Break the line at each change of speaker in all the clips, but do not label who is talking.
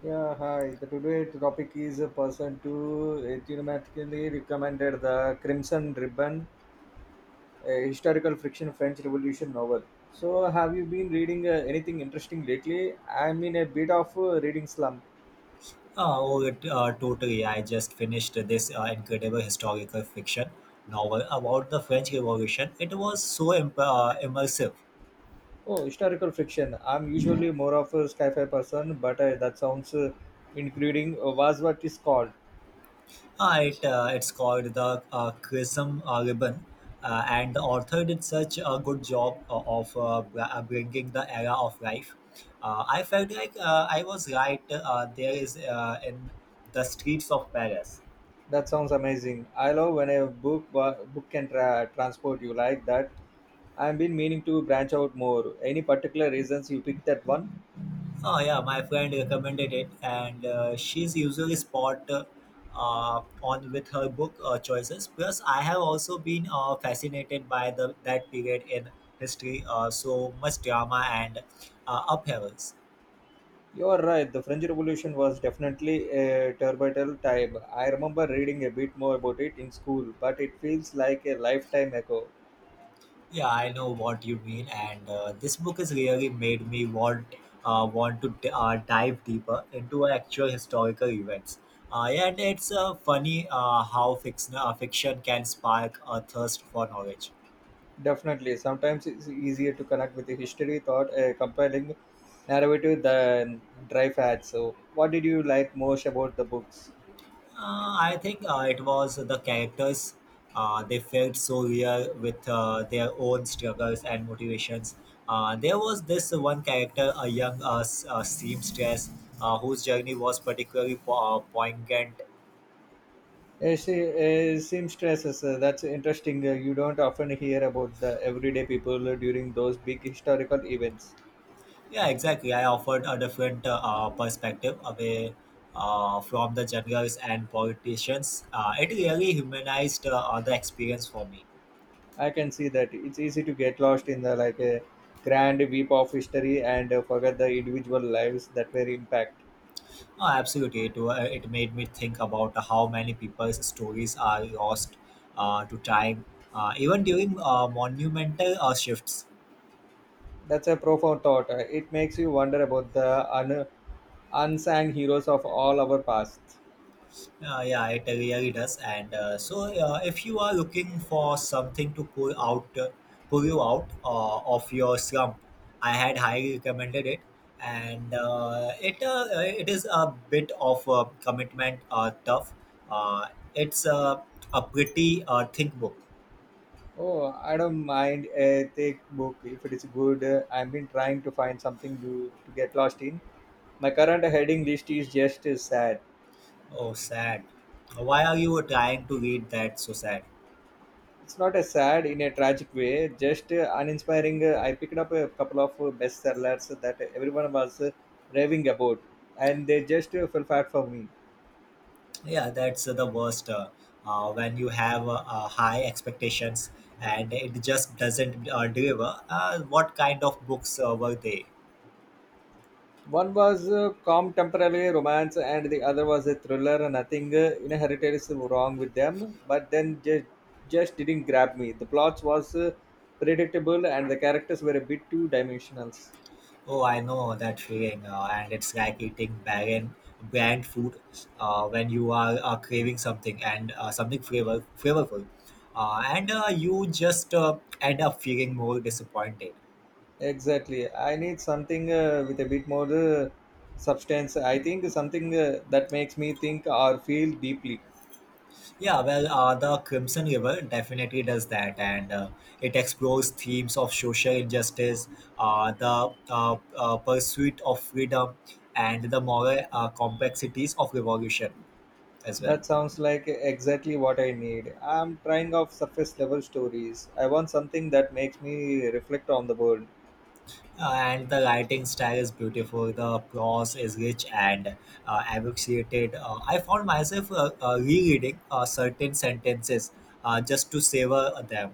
Yeah, hi. The today topic is a person to automatically recommended the Crimson Ribbon, a historical fiction French Revolution novel. So, have you been reading anything interesting lately? I'm in a bit of a reading slump.
Oh, totally. I just finished this incredible historical fiction novel about the French Revolution. It was so immersive.
Oh, historical fiction. I'm usually more of a sci-fi person, but that sounds including was what is called.
It's called The Chrism Ribbon, and the author did such a good job of bringing the era of life. I felt like I was right there is in the streets of Paris.
That sounds amazing. I love when a book can transport you like that. I've been meaning to branch out more. Any particular reasons you picked that one?
Oh yeah, my friend recommended it, and she's usually spot on with her book choices. Plus, I have also been fascinated by the that period in history. So much drama and upheavals.
You are right. The French Revolution was definitely a turbulent time. I remember reading a bit more about it in school, but it feels like a lifetime ago.
Yeah, I know what you mean, and this book has really made me want to dive deeper into actual historical events. Yeah, and it's funny how fiction can spark a thirst for knowledge.
Definitely. Sometimes it's easier to connect with the history thought a compelling narrative than dry facts. So, what did you like most about the books?
I think it was the characters. They felt so real with their own struggles and motivations. There was this one character, a young seamstress, whose journey was particularly poignant.
Uh, se- seamstresses, that's interesting. You don't often hear about the everyday people during those big historical events.
Yeah, exactly. I offered a different perspective away from the generals and politicians. It really humanized the experience for me.
I can see that it's easy to get lost in the like a grand weep of history and forget the individual lives that were impact.
Oh, absolutely. It made me think about how many people's stories are lost to time, even during monumental shifts.
That's a profound thought. It makes you wonder about the unsung heroes of all our past.
Yeah, it really does. And so, if you are looking for something to pull you out of your slump, I had highly recommended it. And it is a bit of a commitment, tough. Uh, it's A pretty thick book.
Oh, I don't mind a thick book if it is good. I've been trying to find something to get lost in. My current heading list is just sad.
Oh, sad. Why are you trying to read that so sad?
It's not a sad in a tragic way, just uninspiring. I picked up a couple of bestsellers that everyone was raving about, and they just fell flat for me.
Yeah, that's the worst. When you have high expectations and it just doesn't deliver, what kind of books were they?
One was calm temporary romance, and the other was a thriller. Nothing inherited is wrong with them, but then just didn't grab me. The plots was predictable, and the characters were a bit too dimensional.
Oh, I know that feeling, and it's like eating barren bland food when you are craving something and something flavorful, and you just end up feeling more disappointed.
Exactly. I need something with a bit more substance. I think something that makes me think or feel deeply.
Yeah, well, the Crimson River definitely does that, and it explores themes of social injustice, the pursuit of freedom, and the moral complexities of revolution as well.
That sounds like exactly what I need. I'm trying off surface level stories. I want something that makes me reflect on the world.
And the writing style is beautiful. The prose is rich and abbreviated. I found myself rereading certain sentences just to savor them.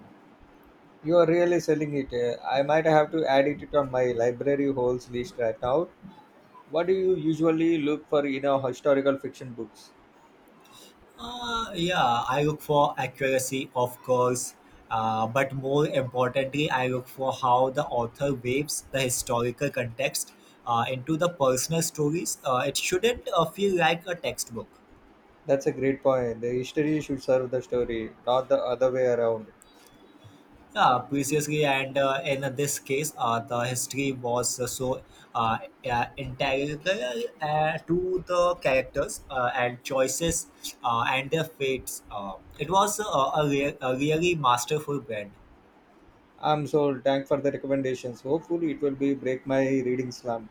You are really selling it. I might have to add it on my library holds list right now. What do you usually look for in a historical fiction books?
Yeah, I look for accuracy, of course, but more importantly, I look for how the author weaves the historical context into the personal stories. It shouldn't feel like a textbook.
That's a great point. The history should serve the story, not the other way around.
Yeah, previously, and in this case, the history was so uh, integral to the characters and choices and their fates. It was a really masterful blend.
I'm so thank for the recommendations. Hopefully, it will be break my reading slump.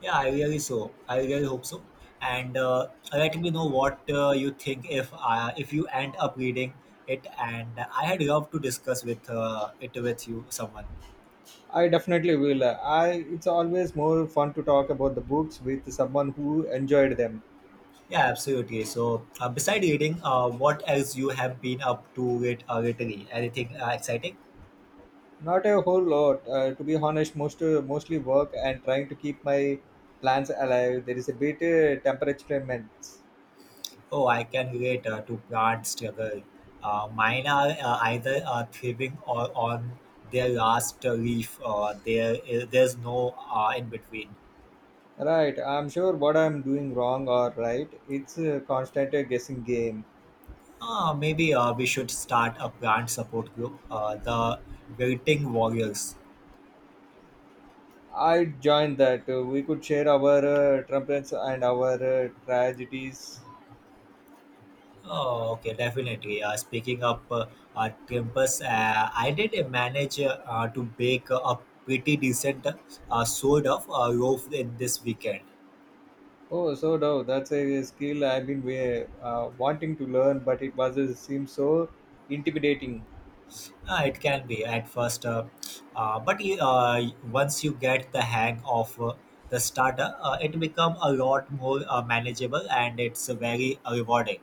Yeah, I really so. I really hope so. And let me know what you think if you end up reading it. And I had love to discuss with it with you, someone.
I definitely will. I it's always more fun to talk about the books with someone who enjoyed them.
Yeah, absolutely. So, beside reading, what else you have been up to lately? Anything exciting?
Not a whole lot, to be honest. Mostly work and trying to keep my plans alive. There is a bit temperature immense.
Oh, I can relate to plant struggle. Mine are either thriving or on their last leaf. There's no in between.
Right, I'm sure what I'm doing wrong or right. It's a constant guessing game.
Ah, maybe we should start a brand support group, the Waiting Warriors.
I joined that. We could share our trumpets and our tragedies.
Oh, okay, definitely. Speaking of Timpus, I did manage to bake a pretty decent sort of loaf in this weekend.
Oh, so no, that's a skill I've wanting to learn, but it was it seems so intimidating.
It can be at first, but once you get the hang of the starter, it become a lot more manageable and it's very rewarding.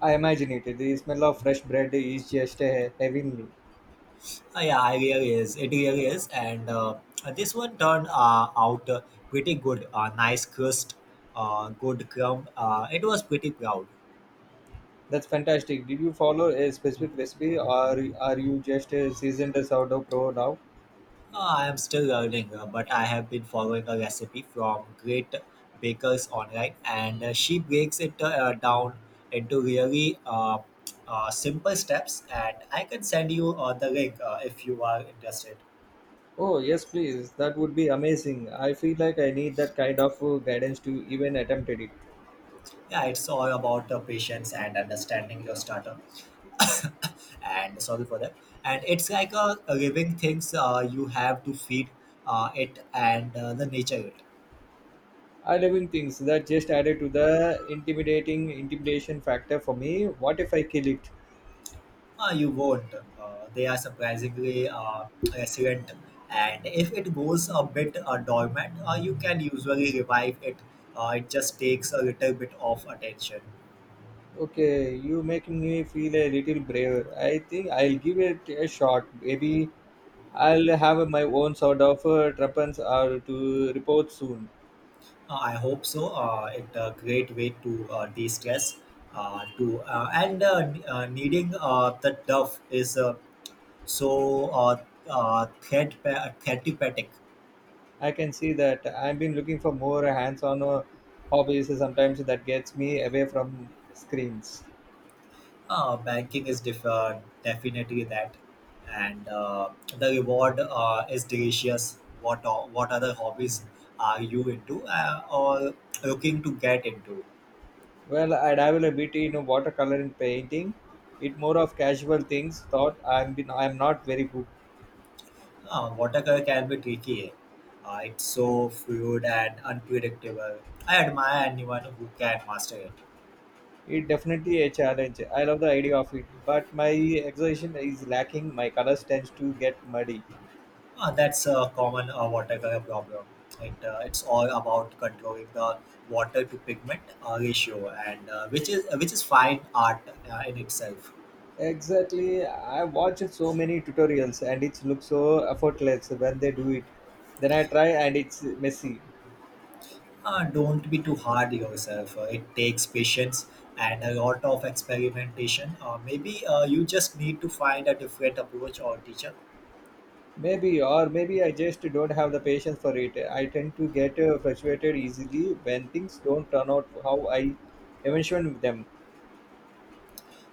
I imagine it. The smell of fresh bread is just heavenly.
Yeah, I really is. It really is. And this one turned out pretty good. Nice crust, good crumb. It was pretty proud.
That's fantastic. Did you follow a specific recipe, or are you just a seasoned sourdough pro now?
I am still learning, but I have been following a recipe from great bakers online, and she breaks it down into really simple steps. And I can send you the link if you are interested.
Oh, yes, please. That would be amazing. I feel like I need that kind of guidance to even attempt it.
Yeah, it's all about patience and understanding your starter. And sorry for that, and it's like a living things you have to feed it and the nature it.
I love in things that just added to the intimidating intimidation factor for me. What if I kill it?
You won't, they are surprisingly resilient, and if it goes a bit dormant you can usually revive it. It just takes a little bit of attention.
Okay, you making me feel a little braver. I think I'll give it a shot. Maybe I'll have my own sort of tuppence or to report soon.
I hope so. It's a great way to de-stress needing the dove is So, uh, therapeutic.
I can see that I've been looking for more hands-on hobbies. Sometimes that gets me away from screens.
Banking is definitely that, and the reward is delicious. What other hobbies are you into or looking to get into?
Well, I dabble a bit in watercolor and painting. It more of casual things. Thought I'm not very good.
Watercolor can be tricky. It's so fluid and unpredictable. I admire anyone who can master it.
It definitely a challenge. I love the idea of it, but my exertion is lacking. My colors tends to get muddy.
That's a common watercolor problem. It's all about controlling the water to pigment ratio, and which is fine art in itself.
Exactly. I watch so many tutorials and it looks so effortless when they do it. Then I try and it's messy.
Don't be too hard on yourself. It takes patience and a lot of experimentation. Maybe you just need to find a different approach or teacher.
Maybe or maybe I just don't have the patience for it. I tend to get frustrated easily when things don't turn out how I envision them.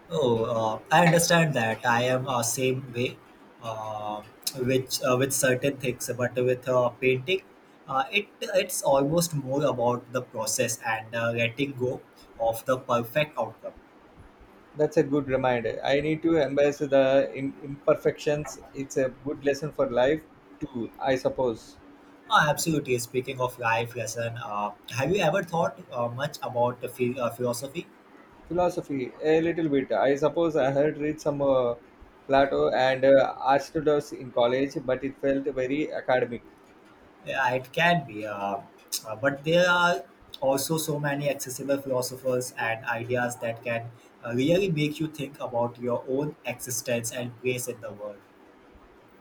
Oh, I understand that. I am same way, uh, which with certain things, but with painting, it's almost more about the process and letting go of the perfect outcome.
That's a good reminder. I need to embrace the imperfections. It's a good lesson for life too, I suppose.
Absolutely. Speaking of life lesson, have you ever thought much about the philosophy?
Philosophy, a little bit. I suppose I had read some Plato and Aristotle in college, but it felt very academic.
Yeah, it can be, but there are also so many accessible philosophers and ideas that can really make you think about your own existence and place in the world.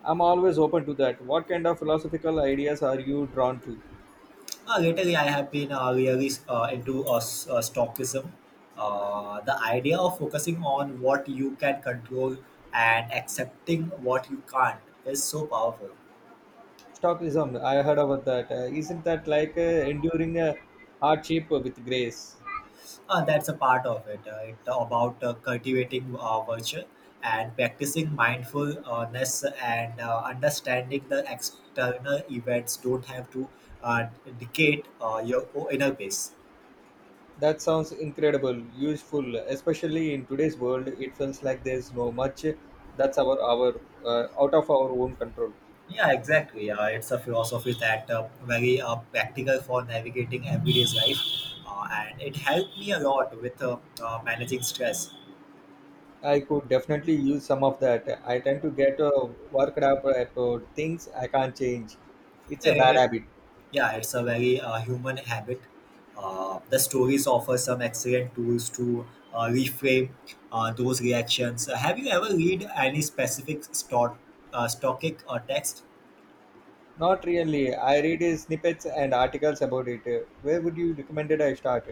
I'm always open to that. What kind of philosophical ideas are you drawn to?
Lately, I have been really into Stoicism, the idea of focusing on what you can control and accepting what you can't is so powerful.
Stoicism, I heard about that. Isn't that like enduring a hardship with grace?
That's a part of it. It about cultivating virtue and practicing mindfulness and understanding the external events don't have to uh, dictate your inner peace.
That sounds incredible, useful, especially in today's world. It feels like there's no much that's our out of our own control.
Yeah, exactly. It's a philosophy that very practical for navigating everyday's life, and it helped me a lot with managing stress.
I could definitely use some of that. I tend to get worked up about things I can't change. It's a bad
Yeah.
habit.
Yeah, it's a very human habit. The stories offer some excellent tools to reframe those reactions. Have you ever read any specific stoic text?
Not really. I read snippets and articles about it. Where would you recommend it I start?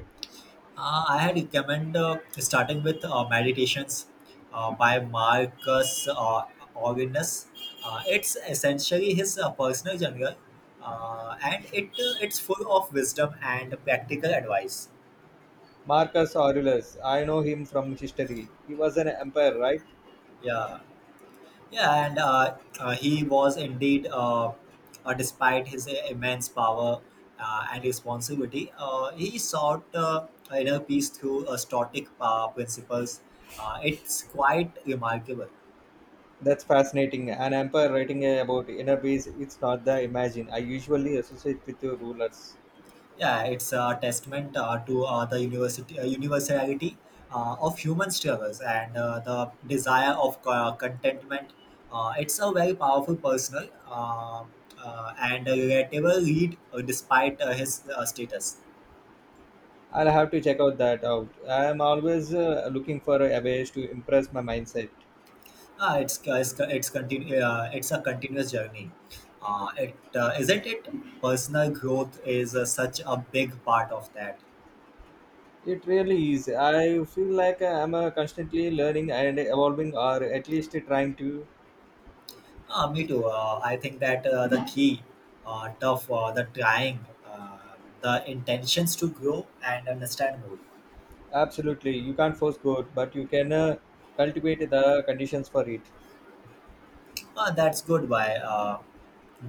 I had recommend starting with Meditations by Marcus Aurelius. It's essentially his personal journal, and it's full of wisdom and practical advice.
Marcus Aurelius. I know him from history. He was an emperor, right?
Yeah. Yeah, and He was indeed, despite his immense power and responsibility, he sought inner peace through Stoic principles. It's quite remarkable.
That's fascinating. An empire writing about inner peace, it's not the imagine. I usually associate with the rulers.
Yeah, it's a testament to the universality of human struggles and the desire of contentment. It's a very powerful personal and a relatable read despite his status.
I'll have to check out that out. I am always looking for a ways to impress my mindset.
Ah, it's a continuous journey. It Isn't it. Personal growth is such a big part of that.
It really is. I feel like I'm constantly learning and evolving, or at least trying to.
Me too. I think that the key, tough, the trying, the intentions to grow and understand more.
Absolutely, you can't force good, but you can cultivate the conditions for it.
That's good. By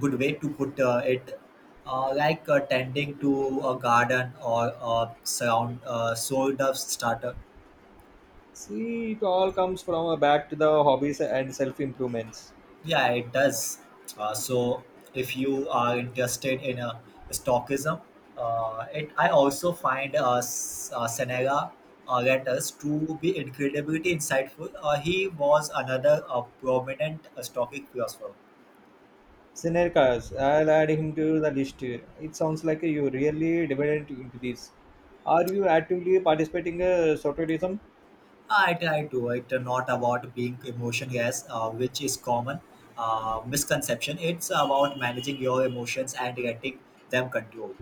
good way to put it. Like tending to a garden or a surround sort of starter.
See, it all comes from back to the hobbies and self improvements.
Yeah, it does. So, if you are interested in stockism, it I also find Senega letters to be incredibly insightful. He was another prominent Stoic philosopher.
Sinerkas, I'll add him to the list here. It sounds like you really divided into this. Are you actively participating softwareism?
I try to. It's not about being emotionless, which is common misconception. It's about managing your emotions and letting them control.